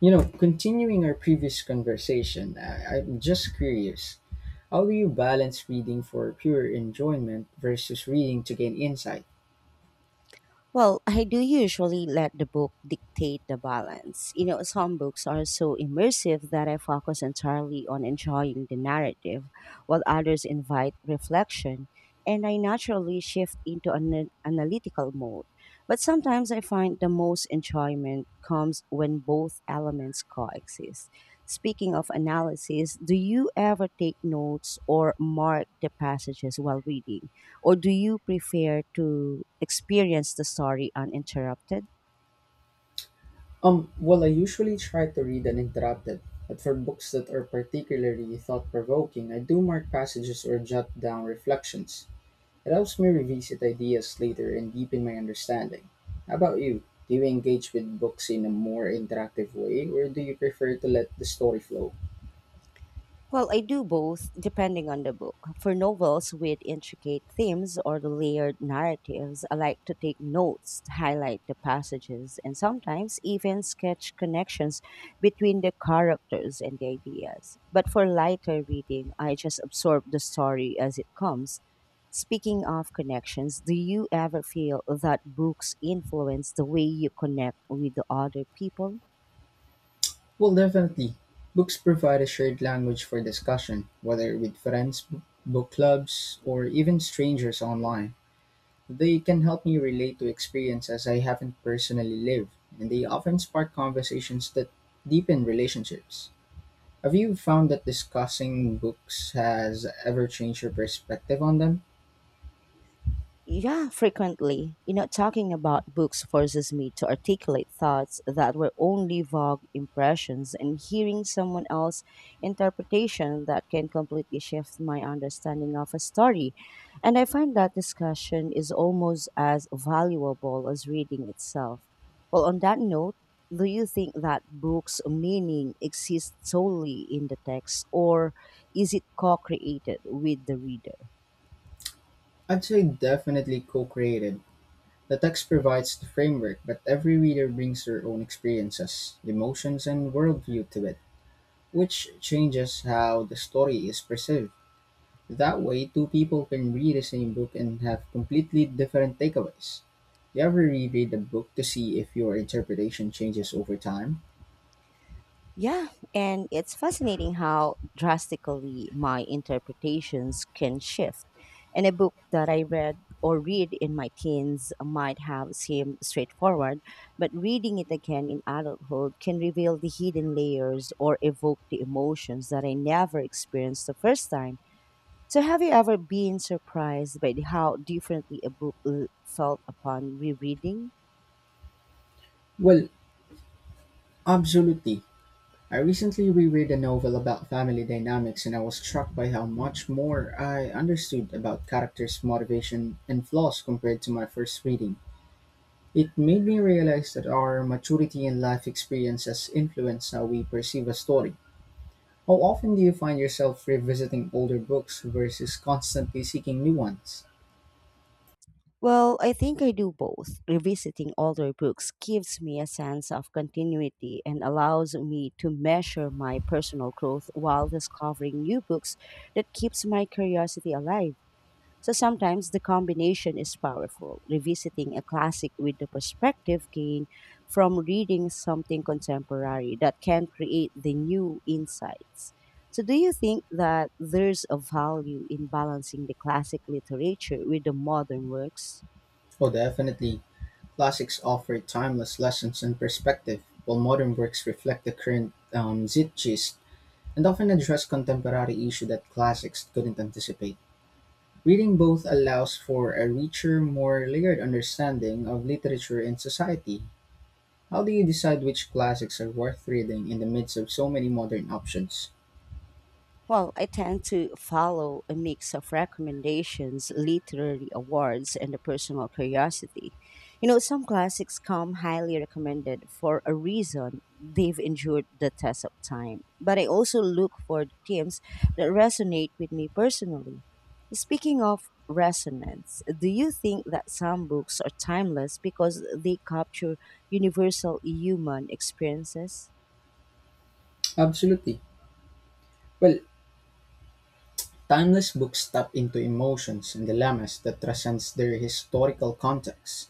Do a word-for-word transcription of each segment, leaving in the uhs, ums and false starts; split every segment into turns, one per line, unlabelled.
You know, continuing our previous conversation, I, I'm just curious. How do you balance reading for pure enjoyment versus reading to gain insight?
Well, I do usually let the book dictate the balance. You know, some books are so immersive that I focus entirely on enjoying the narrative, while others invite reflection, and I naturally shift into an analytical mode. But sometimes I find the most enjoyment comes when both elements coexist. Speaking of analysis, do you ever take notes or mark the passages while reading? Or do you prefer to experience the story uninterrupted?
Um, well, I usually try to read uninterrupted, but for books that are particularly thought provoking, I do mark passages or jot down reflections. It helps me revisit ideas later and deepen my understanding. How about you? Do you engage with books in a more interactive way, or do you prefer to let the story flow?
Well, I do both, depending on the book. For novels with intricate themes or the layered narratives, I like to take notes, highlight the passages, and sometimes even sketch connections between the characters and the ideas. But for lighter reading, I just absorb the story as it comes. Speaking of connections, do you ever feel that books influence the way you connect with the other people?
Well, definitely. Books provide a shared language for discussion, whether with friends, b- book clubs, or even strangers online. They can help me relate to experiences I haven't personally lived, and they often spark conversations that deepen relationships. Have you found that discussing books has ever changed your perspective on them?
Yeah, frequently. You know, talking about books forces me to articulate thoughts that were only vague impressions, and hearing someone else's interpretation that can completely shift my understanding of a story. And I find that discussion is almost as valuable as reading itself. Well, on that note, do you think that books' meaning exists solely in the text, or is it co created with the reader?
I'd say definitely co created. The text provides the framework, but every reader brings their own experiences, emotions, and worldview to it, which changes how the story is perceived. That way, two people can read the same book and have completely different takeaways. Do you ever reread a book to see if your interpretation changes over time?
Yeah, and it's fascinating how drastically my interpretations can shift. And a book that I read or read in my teens might have seemed straightforward, but reading it again in adulthood can reveal the hidden layers or evoke the emotions that I never experienced the first time. So, have you ever been surprised by how differently a book l- felt upon rereading?
Well, absolutely. I recently reread a novel about family dynamics and I was struck by how much more I understood about characters' motivation and flaws compared to my first reading. It made me realize that our maturity and life experiences influence how we perceive a story. How often do you find yourself revisiting older books versus constantly seeking new ones?
Well, I think I do both. Revisiting older books gives me a sense of continuity and allows me to measure my personal growth while discovering new books that keeps my curiosity alive. So sometimes the combination is powerful. Revisiting a classic with the perspective gained from reading something contemporary that can create the new insights. So, do you think that there's a value in balancing the classic literature with the modern works?
Oh, definitely. Classics offer timeless lessons and perspective, while modern works reflect the current um, zeitgeist and often address contemporary issues that classics couldn't anticipate. Reading both allows for a richer, more layered understanding of literature and society. How do you decide which classics are worth reading in the midst of so many modern options?
Well, I tend to follow a mix of recommendations, literary awards, and a personal curiosity. You know, some classics come highly recommended for a reason. They've endured the test of time. But I also look for the themes that resonate with me personally. Speaking of resonance, do you think that some books are timeless because they capture universal human experiences?
Absolutely. Well, timeless books tap into emotions and dilemmas that transcends their historical context.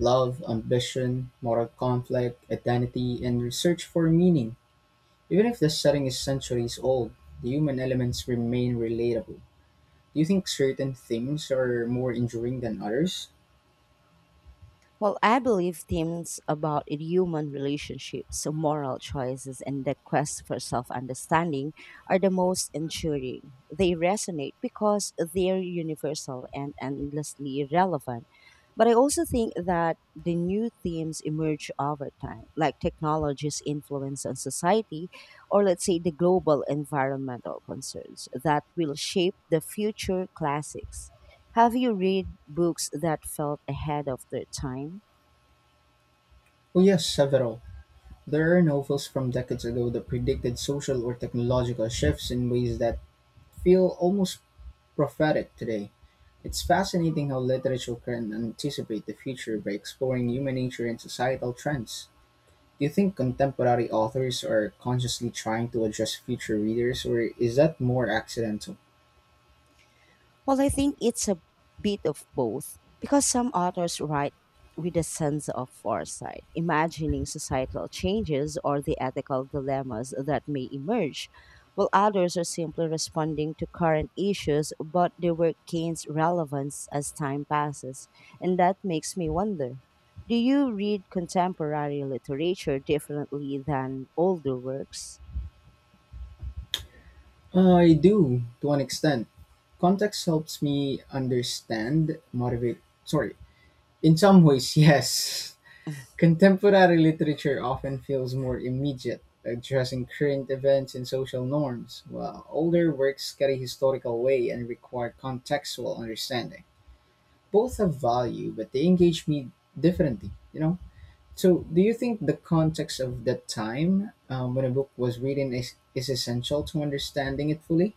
Love, ambition, moral conflict, identity, and research for meaning. Even if the setting is centuries old, the human elements remain relatable. Do you think certain themes are more enduring than others?
Well, I believe themes about human relationships, moral choices, and the quest for self understanding are the most enduring. They resonate because they're universal and endlessly relevant. But I also think that the new themes emerge over time, like technology's influence on society, or let's say the global environmental concerns that will shape the future classics. Have you read books that felt ahead of their time?
Oh yes, several. There are novels from decades ago that predicted social or technological shifts in ways that feel almost prophetic today. It's fascinating how literature can anticipate the future by exploring human nature and societal trends. Do you think contemporary authors are consciously trying to address future readers, or is that more accidental?
Well, I think it's a bit of both because some authors write with a sense of foresight, imagining societal changes or the ethical dilemmas that may emerge, while others are simply responding to current issues but their work gains relevance as time passes. And that makes me wonder, do you read contemporary literature differently than older works?
I do, to an extent. Context helps me understand, motivate. Sorry. In some ways, yes. Contemporary literature often feels more immediate, addressing current events and social norms, while older works carry historical weight and require contextual understanding. Both have value, but they engage me differently, you know? So, do you think the context of the time um, when a book was written is, is essential to understanding it fully?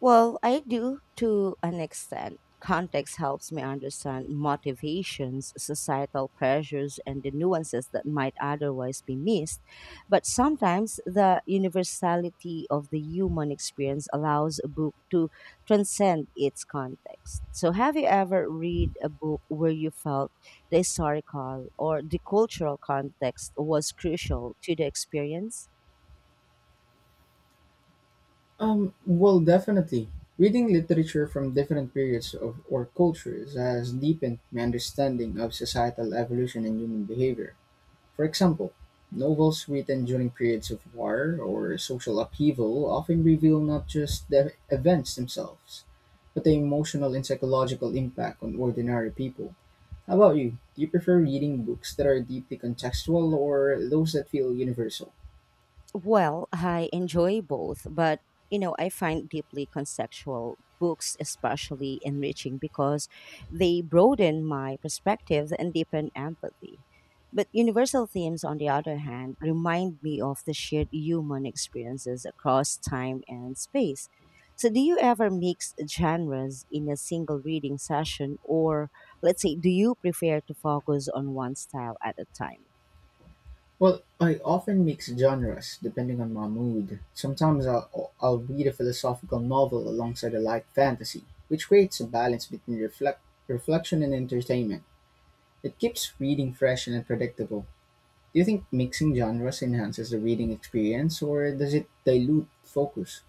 Well, I do to an extent. Context helps me understand motivations, societal pressures, and the nuances that might otherwise be missed. But sometimes the universality of the human experience allows a book to transcend its context. So, have you ever read a book where you felt the historical or the cultural context was crucial to the experience?
Um, well, definitely. Reading literature from different periods of or cultures has deepened my understanding of societal evolution and human behavior. For example, novels written during periods of war or social upheaval often reveal not just the events themselves, but the emotional and psychological impact on ordinary people. How about you? Do you prefer reading books that are deeply contextual or those that feel universal?
Well, I enjoy both, but you know, I find deeply conceptual books especially enriching because they broaden my perspective and deepen empathy. But universal themes, on the other hand, remind me of the shared human experiences across time and space. So, do you ever mix genres in a single reading session, or let's say, do you prefer to focus on one style at a time?
Well, I often mix genres depending on my mood. Sometimes I'll, I'll read a philosophical novel alongside a light fantasy, which creates a balance between reflect, reflection and entertainment. It keeps reading fresh and unpredictable. Do you think mixing genres enhances the reading experience or does it dilute focus?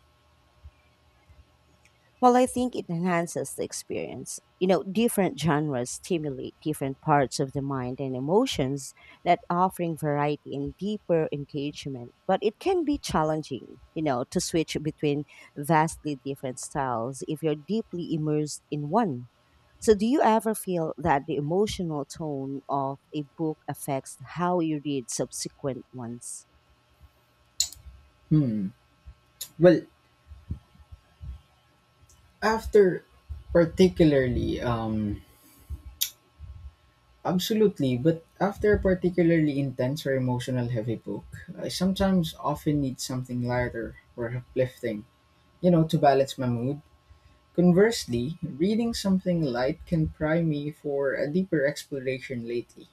Well, I think it enhances the experience. You know, different genres stimulate different parts of the mind and emotions that offering variety and deeper engagement. But it can be challenging, you know, to switch between vastly different styles if you're deeply immersed in one. So, do you ever feel that the emotional tone of a book affects how you read subsequent ones?
Hmm. Well, after particularly um, Absolutely, but after a particularly intense or emotional heavy book, I sometimes often need something lighter or uplifting, you know, to balance my mood. Conversely, reading something light can prime me for a deeper exploration lately.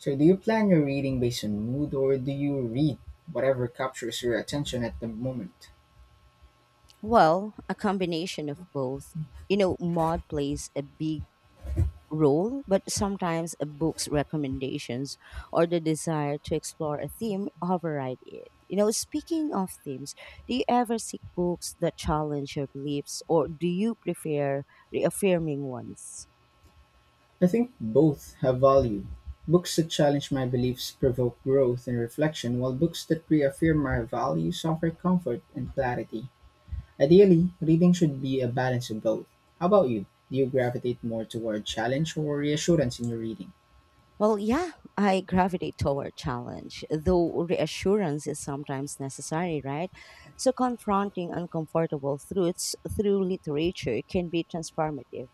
So, do you plan your reading based on mood or do you read whatever captures your attention at the moment?
Well, a combination of both. You know, mod plays a big role, but sometimes a book's recommendations or the desire to explore a theme override it. You know, speaking of themes, do you ever seek books that challenge your beliefs or do you prefer reaffirming ones?
I think both have value. Books that challenge my beliefs provoke growth and reflection, while books that reaffirm my values offer comfort and clarity. Ideally, reading should be a balance of both. How about you? Do you gravitate more toward challenge or reassurance in your reading?
Well, yeah, I gravitate toward challenge, though reassurance is sometimes necessary, right? So, confronting uncomfortable truths through literature can be transformative.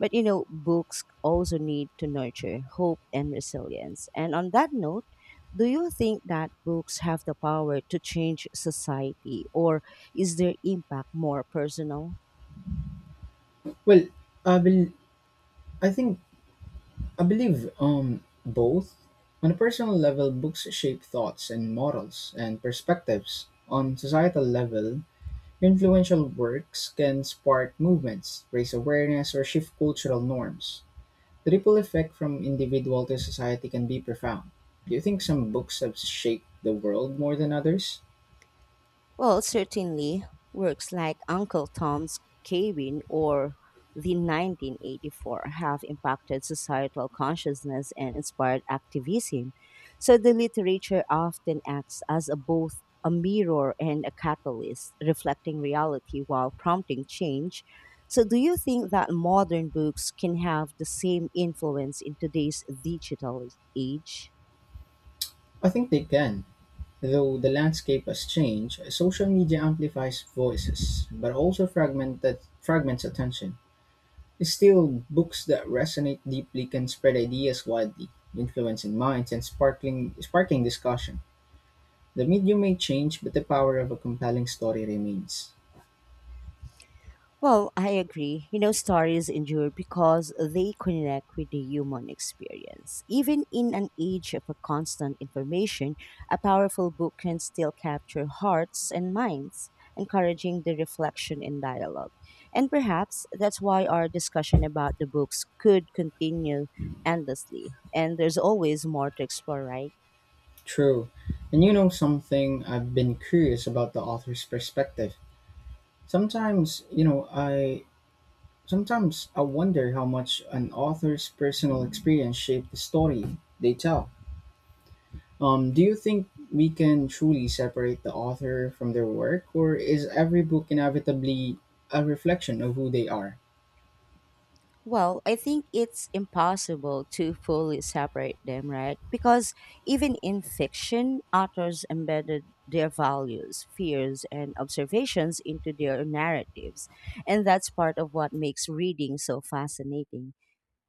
But, you know, books also need to nurture hope and resilience. And on that note, do you think that books have the power to change society, or is their impact more personal?
Well, I bel I think I believe um both. On a personal level, books shape thoughts and morals and perspectives. On societal level, influential works can spark movements, raise awareness, or shift cultural norms. The ripple effect from individual to society can be profound. Do you think some books have shaped the world more than others?
Well, certainly works like Uncle Tom's Cabin or the nineteen eighty-four have impacted societal consciousness and inspired activism. So the literature often acts as a, both a mirror and a catalyst, reflecting reality while prompting change. So, do you think that modern books can have the same influence in today's digital age?
I think they can. Though the landscape has changed, social media amplifies voices, but also fragmented, fragments attention. Still, books that resonate deeply can spread ideas widely, influencing minds and sparkling, sparking discussion. The medium may change, but the power of a compelling story remains.
Well, I agree. You know, stories endure because they connect with the human experience. Even in an age of a constant information, a powerful book can still capture hearts and minds, encouraging the reflection and dialogue. And perhaps that's why our discussion about the books could continue endlessly. And there's always more to explore, right?
True. And you know something, I've been curious about the author's perspective. Sometimes, you know, I Sometimes I wonder how much an author's personal experience shaped the story they tell. Um, do you think we can truly separate the author from their work, or is every book inevitably a reflection of who they are?
Well, I think it's impossible to fully separate them, right? Because even in fiction, authors embedded their values, fears, and observations into their narratives. And that's part of what makes reading so fascinating.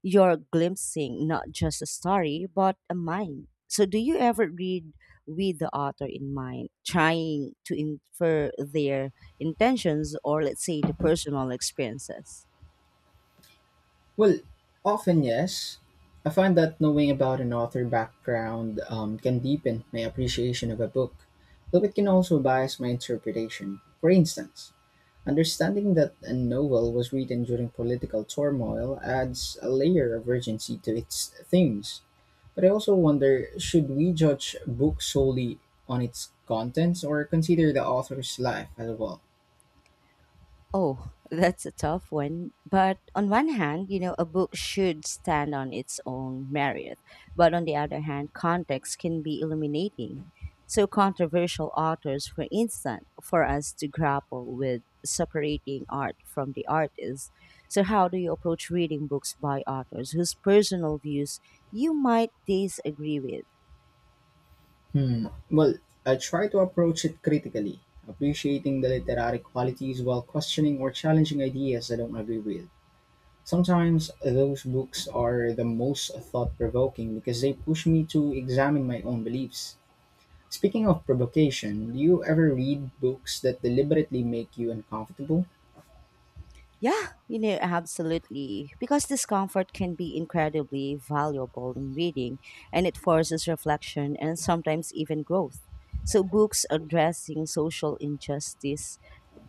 You're glimpsing not just a story, but a mind. So, do you ever read with the author in mind, trying to infer their intentions or, let's say, the personal experiences?
Well, often yes. I find that knowing about an author background um, can deepen my appreciation of a book, though it can also bias my interpretation. For instance, understanding that a novel was written during political turmoil adds a layer of urgency to its themes. But I also wonder should we judge books solely on its contents or consider the author's life as well?
Oh, that's a tough one. But on one hand, you know, a book should stand on its own merit. But on the other hand, context can be illuminating. So, controversial authors, for instance, for us to grapple with separating art from the artist. So, how do you approach reading books by authors whose personal views you might disagree with?
Hmm. Well, I try to approach it critically, appreciating the literary qualities while questioning or challenging ideas I don't agree with. Sometimes those books are the most thought provoking because they push me to examine my own beliefs. Speaking of provocation, do you ever read books that deliberately make you uncomfortable?
Yeah, you know, absolutely. Because discomfort can be incredibly valuable in reading and it forces reflection and sometimes even growth. So, books addressing social injustice,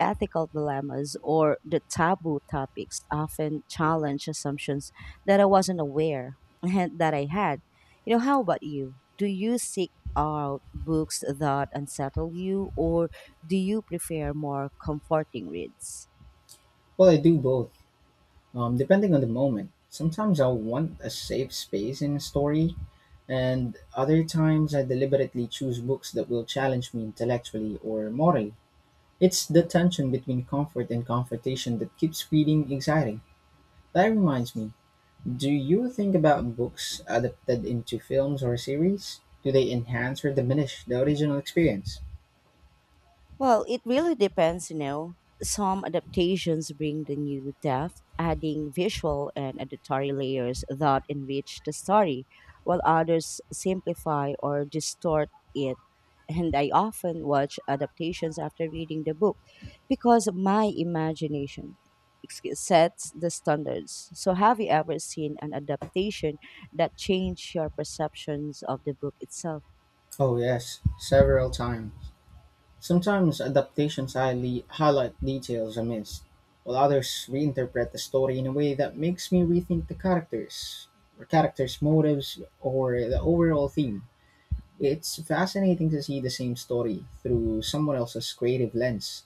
ethical dilemmas, or the taboo topics often challenge assumptions that I wasn't aware and that I had. You know, how about you? Do you seek out books that unsettle you, or do you prefer more comforting reads?
Well, I do both, um, depending on the moment. Sometimes I want a safe space in a story, and other times I deliberately choose books that will challenge me intellectually or morally. It's the tension between comfort and confrontation that keeps reading exciting. That reminds me, do you think about books adapted into films or series? Do they enhance or diminish the original experience?
Well, it really depends, you know. Some adaptations bring the new depth, adding visual and auditory layers that enrich the story, while others simplify or distort it. And I often watch adaptations after reading the book because my imagination excuse- sets the standards. So, have you ever seen an adaptation that changed your perceptions of the book itself?
Oh, yes, several times. Sometimes adaptations highly highlight details I missed, while others reinterpret the story in a way that makes me rethink the characters, or characters' motives, or the overall theme. It's fascinating to see the same story through someone else's creative lens.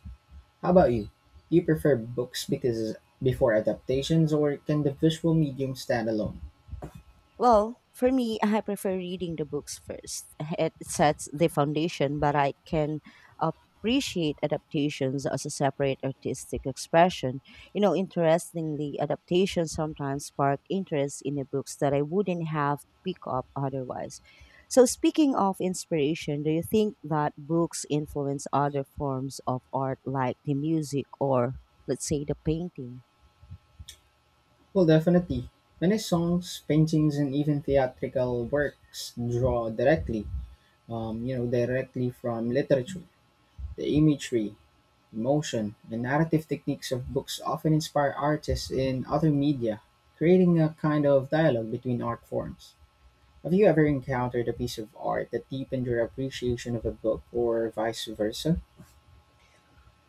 How about you? Do you prefer books because before adaptations, or can the visual medium stand alone?
Well, for me, I prefer reading the books first. It sets the foundation, but I can appreciate adaptations as a separate artistic expression. You know, interestingly, adaptations sometimes spark interest in the books that I wouldn't have picked up otherwise. So, speaking of inspiration, do you think that books influence other forms of art like the music or, let's say, the painting?
Well, definitely. Many songs, paintings, and even theatrical works draw directly um, you know, directly from literature. The imagery, emotion, and narrative techniques of books often inspire artists in other media, creating a kind of dialogue between art forms. Have you ever encountered a piece of art that deepened your appreciation of a book or vice versa?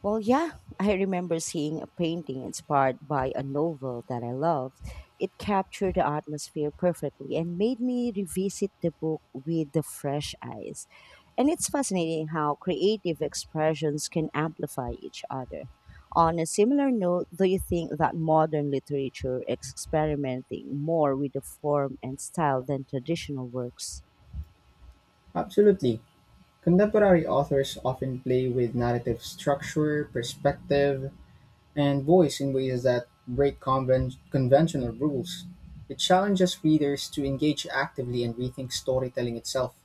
Well, yeah, I remember seeing a painting inspired by a novel that I loved. It captured the atmosphere perfectly and made me revisit the book with the fresh eyes. And it's fascinating how creative expressions can amplify each other. On a similar note, do you think that modern literature is experimenting more with the form and style than traditional works?
Absolutely. Contemporary authors often play with narrative structure, perspective, and voice in ways that break conven- conventional rules. It challenges readers to engage actively and rethink storytelling itself.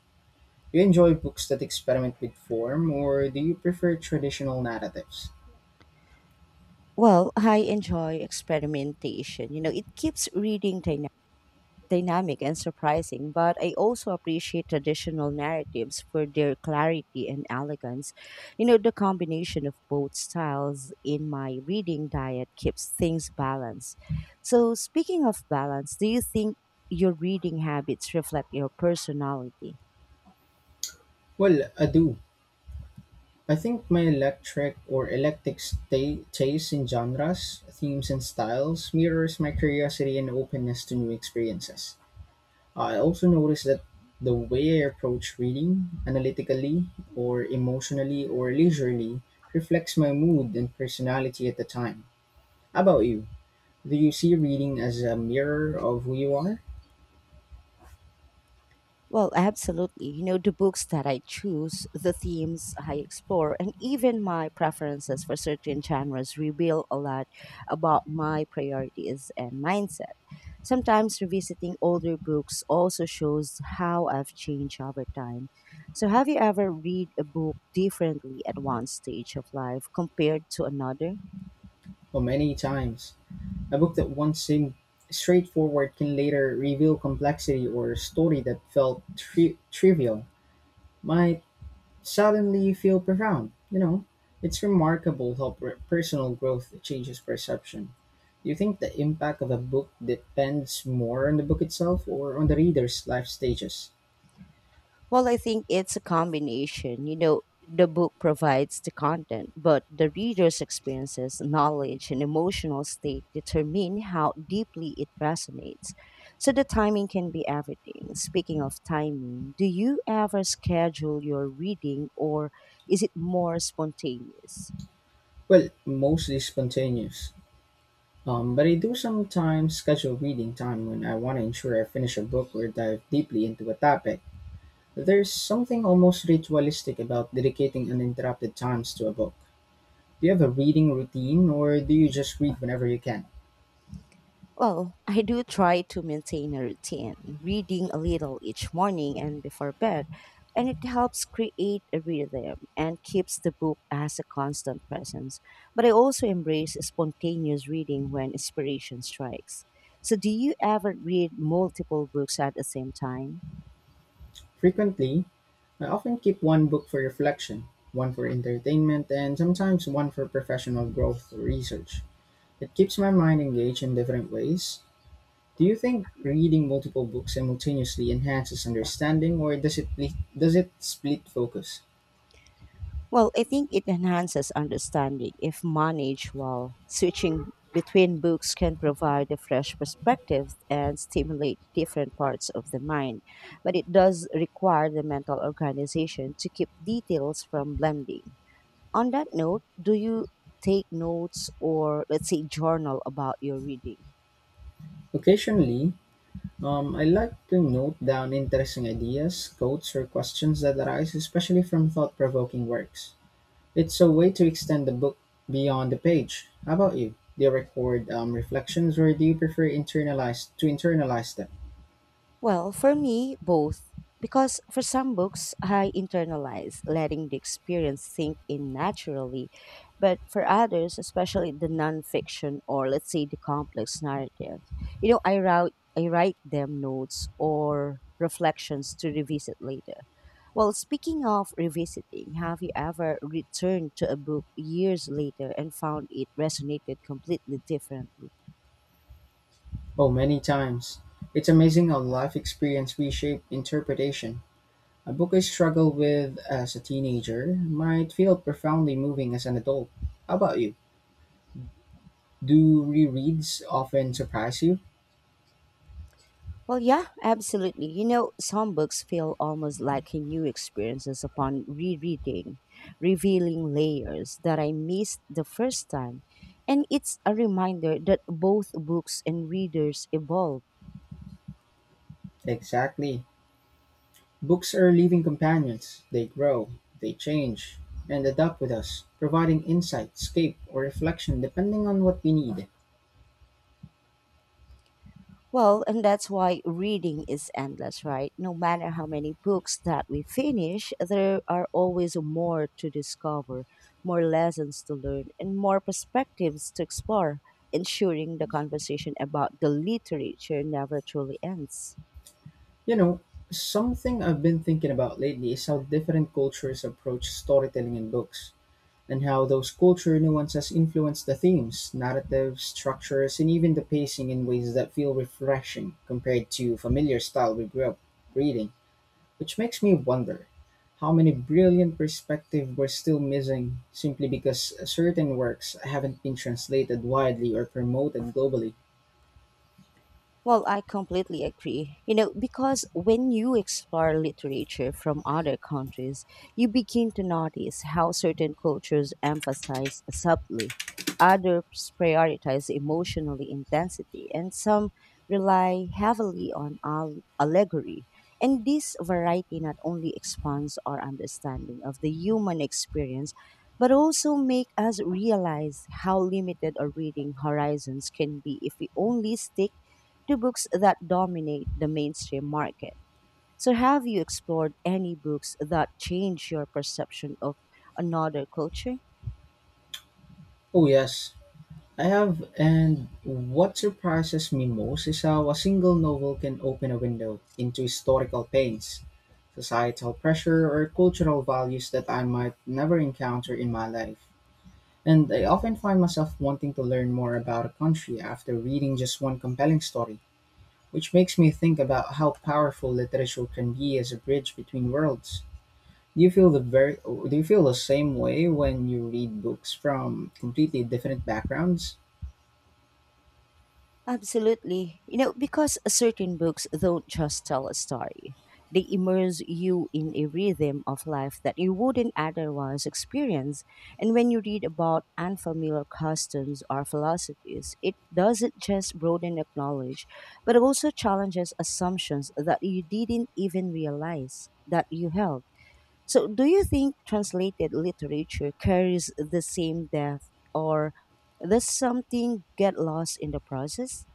Do you enjoy books that experiment with form, or do you prefer traditional narratives?
Well, I enjoy experimentation. You know, it keeps reading dynamic and surprising, but I also appreciate traditional narratives for their clarity and elegance. You know, the combination of both styles in my reading diet keeps things balanced. So, speaking of balance, do you think your reading habits reflect your personality?
Well, I do. I think my electric or eclectic sta- taste in genres, themes, and styles mirrors my curiosity and openness to new experiences. I also notice that the way I approach reading, analytically or emotionally or leisurely, reflects my mood and personality at the time. How about you? Do you see reading as a mirror of who you are?
Well, absolutely. You know, the books that I choose, the themes I explore, and even my preferences for certain genres reveal a lot about my priorities and mindset. Sometimes revisiting older books also shows how I've changed over time. So, have you ever read a book differently at one stage of life compared to another?
Well, many times. A book that once seemed straightforward can later reveal complexity or a story that felt tri- trivial. My suddenly you feel profound. You know, it's remarkable how per- personal growth changes perception. Do you think the impact of a book depends more on the book itself or on the reader's life stages?
Well, I think it's a combination. You know, the book provides the content, but the reader's experiences, knowledge, and emotional state determine how deeply it resonates. So the timing can be everything. Speaking of timing, do you ever schedule your reading or is it more spontaneous?
Well, mostly spontaneous. Um, but I do sometimes schedule reading time when I want to ensure I finish a book or dive deeply into a topic. There's something almost ritualistic about dedicating uninterrupted times to a book. Do you have a reading routine or do you just read whenever you can?
Well, I do try to maintain a routine, reading a little each morning and before bed, and it helps create a rhythm and keeps the book as a constant presence. But I also embrace spontaneous reading when inspiration strikes. So, do you ever read multiple books at the same time?
Frequently, I often keep one book for reflection, one for entertainment, and sometimes one for professional growth or research. It keeps my mind engaged in different ways. Do you think reading multiple books simultaneously enhances understanding, or does it split, does it split focus?
Well, I think it enhances understanding if managed well. Switching between books can provide a fresh perspective and stimulate different parts of the mind, but it does require the mental organization to keep details from blending. On that note, do you take notes or, let's say, journal about your reading?
Occasionally, um, I like to note down interesting ideas, quotes, or questions that arise, especially from thought-provoking works. It's a way to extend the book beyond the page. How about you? Do you record um, reflections or do you prefer internalize to internalize them?
Well, for me, both. Because for some books, I internalize, letting the experience sink in naturally. But for others, especially the nonfiction or let's say the complex narrative, you know, I write, I write them notes or reflections to revisit later. Well, speaking of revisiting, have you ever returned to a book years later and found it resonated completely differently?
Oh, many times. It's amazing how life experience reshape interpretation. A book I struggled with as a teenager might feel profoundly moving as an adult. How about you? Do rereads often surprise you?
Well, yeah, absolutely. You know, some books feel almost like a new experiences upon rereading, revealing layers that I missed the first time. And it's a reminder that both books and readers evolve.
Exactly. Books are living companions; they grow, they change, and adapt with us, providing insight, escape, or reflection depending on what we need.
Well, and that's why reading is endless, right? No matter how many books that we finish, there are always more to discover, more lessons to learn, and more perspectives to explore, ensuring the conversation about the literature never truly ends.
You know, something I've been thinking about lately is how different cultures approach storytelling in books, and how those culture nuances influence the themes, narratives, structures, and even the pacing in ways that feel refreshing compared to familiar style we grew up reading. Which makes me wonder how many brilliant perspectives we're still missing simply because certain works haven't been translated widely or promoted globally.
Well, I completely agree. You know, because when you explore literature from other countries, you begin to notice how certain cultures emphasize subtly, others prioritize emotionally intensity, and some rely heavily on al- allegory. And this variety not only expands our understanding of the human experience, but also make us realize how limited our reading horizons can be if we only stick to books that dominate the mainstream market. So, have you explored any books that change your perception of another culture?
Oh, yes, I have, and what surprises me most is how a single novel can open a window into historical pains, societal pressure, or cultural values that I might never encounter in my life. And I often find myself wanting to learn more about a country after reading just one compelling story. Which makes me think about how powerful literature can be as a bridge between worlds. Do you feel the very do you feel the same way when you read books from completely different backgrounds?
Absolutely. You know, because certain books don't just tell a story, they immerse you in a rhythm of life that you wouldn't otherwise experience. And when you read about unfamiliar customs or philosophies, it doesn't just broaden your knowledge, but also challenges assumptions that you didn't even realize that you held. So, do you think translated literature carries the same depth, or does something get lost in the process?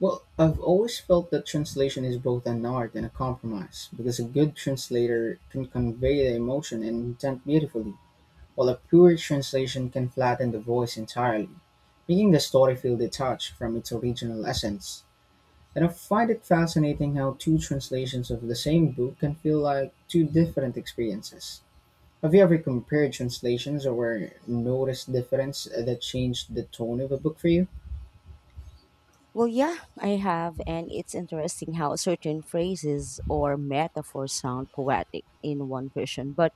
Well, I've always felt that translation is both an art and a compromise because a good translator can convey the emotion and intent beautifully, while a poor translation can flatten the voice entirely, making the story feel detached from its original essence. And I find it fascinating how two translations of the same book can feel like two different experiences. Have you ever compared translations or noticed difference that changed the tone of a book for you?
Well, yeah, I have, and it's interesting how certain phrases or metaphors sound poetic in one version, but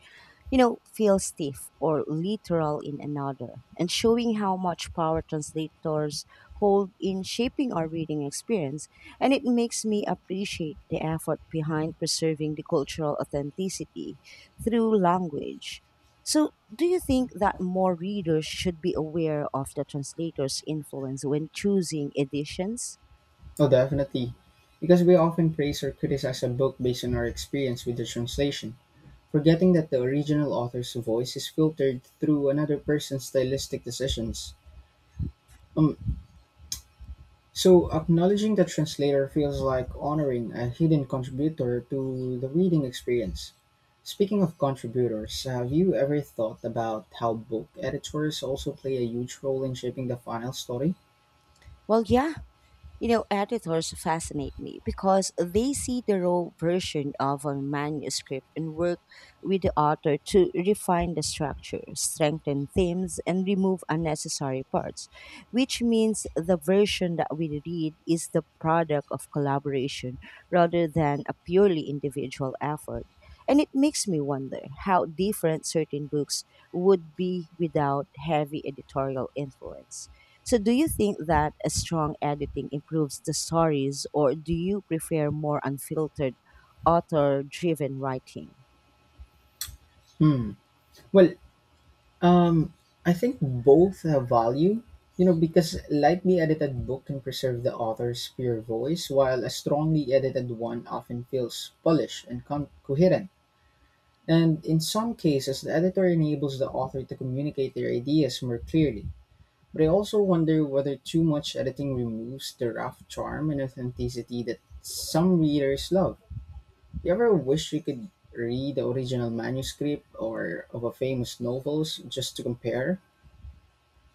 you know, feel stiff or literal in another, and showing how much power translators hold in shaping our reading experience. And it makes me appreciate the effort behind preserving the cultural authenticity through language. So, do you think that more readers should be aware of the translator's influence when choosing editions?
Oh, definitely. Because we often praise or criticize a book based on our experience with the translation, forgetting that the original author's voice is filtered through another person's stylistic decisions. Um, So, acknowledging the translator feels like honoring a hidden contributor to the reading experience. Speaking of contributors, have you ever thought about how book editors also play a huge role in shaping the final story?
Well, yeah. You know, editors fascinate me because they see the raw version of a manuscript and work with the author to refine the structure, strengthen themes, and remove unnecessary parts, which means the version that we read is the product of collaboration rather than a purely individual effort. And it makes me wonder how different certain books would be without heavy editorial influence. So, do you think that a strong editing improves the stories, or do you prefer more unfiltered, author driven writing?
Hmm. Well, um, I think both have value, you know, because lightly edited book can preserve the author's pure voice, while a strongly edited one often feels polished and con- coherent. And in some cases, the editor enables the author to communicate their ideas more clearly. But I also wonder whether too much editing removes the rough charm and authenticity that some readers love. You ever wish you could read the original manuscript or of a famous novels just to compare?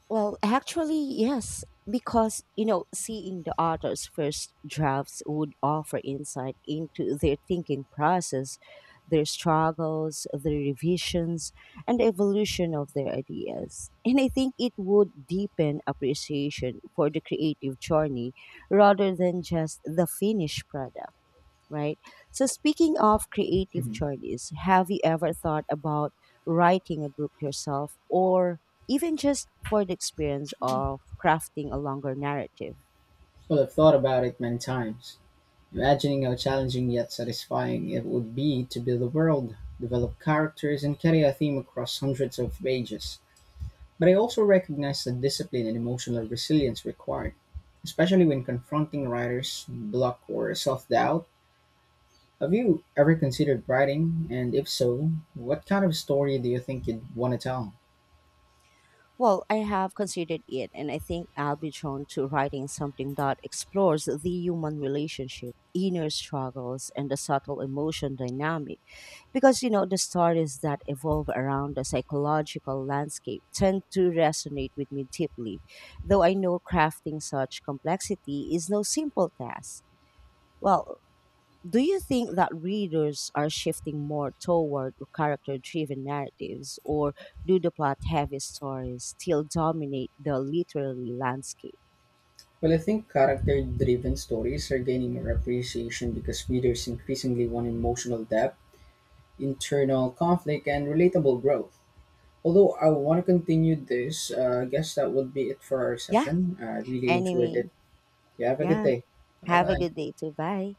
Well, actually, yes, because, you know, seeing the author's first drafts would offer insight into their thinking process, their struggles, their revisions, and the evolution of their ideas. And I think it would deepen appreciation for the creative journey rather than just the finished product, right? So, speaking of creative
Mhm.
journeys, have you ever thought about writing a book yourself or even just for the experience of crafting a longer narrative?
Well, I've thought about it many times, imagining how challenging yet satisfying it would be to build a world, develop characters, and carry a theme across hundreds of pages. But I also recognize the discipline and emotional resilience required, especially when confronting writer's block or self doubt. Have you ever considered writing? And if so, what kind of story do you think you'd want to tell?
Well, I have considered it, and I think I'll be drawn to writing something that explores the human relationship, inner struggles, and the subtle emotion dynamic. Because you know the stories that evolve around the psychological landscape tend to resonate with me deeply, though I know crafting such complexity is no simple task. Well, do you think that readers are shifting more toward character driven narratives, or do the plot heavy stories still dominate the literary landscape?
Well, I think character driven stories are gaining more appreciation because readers increasingly want emotional depth, internal conflict, and relatable growth. Although I want to continue this, uh, I guess that would be it for our
Yeah.
session. I really enjoyed
Anyway,
it. You have a good
yeah,
day. Bye
have a
bye.
good day too. Bye.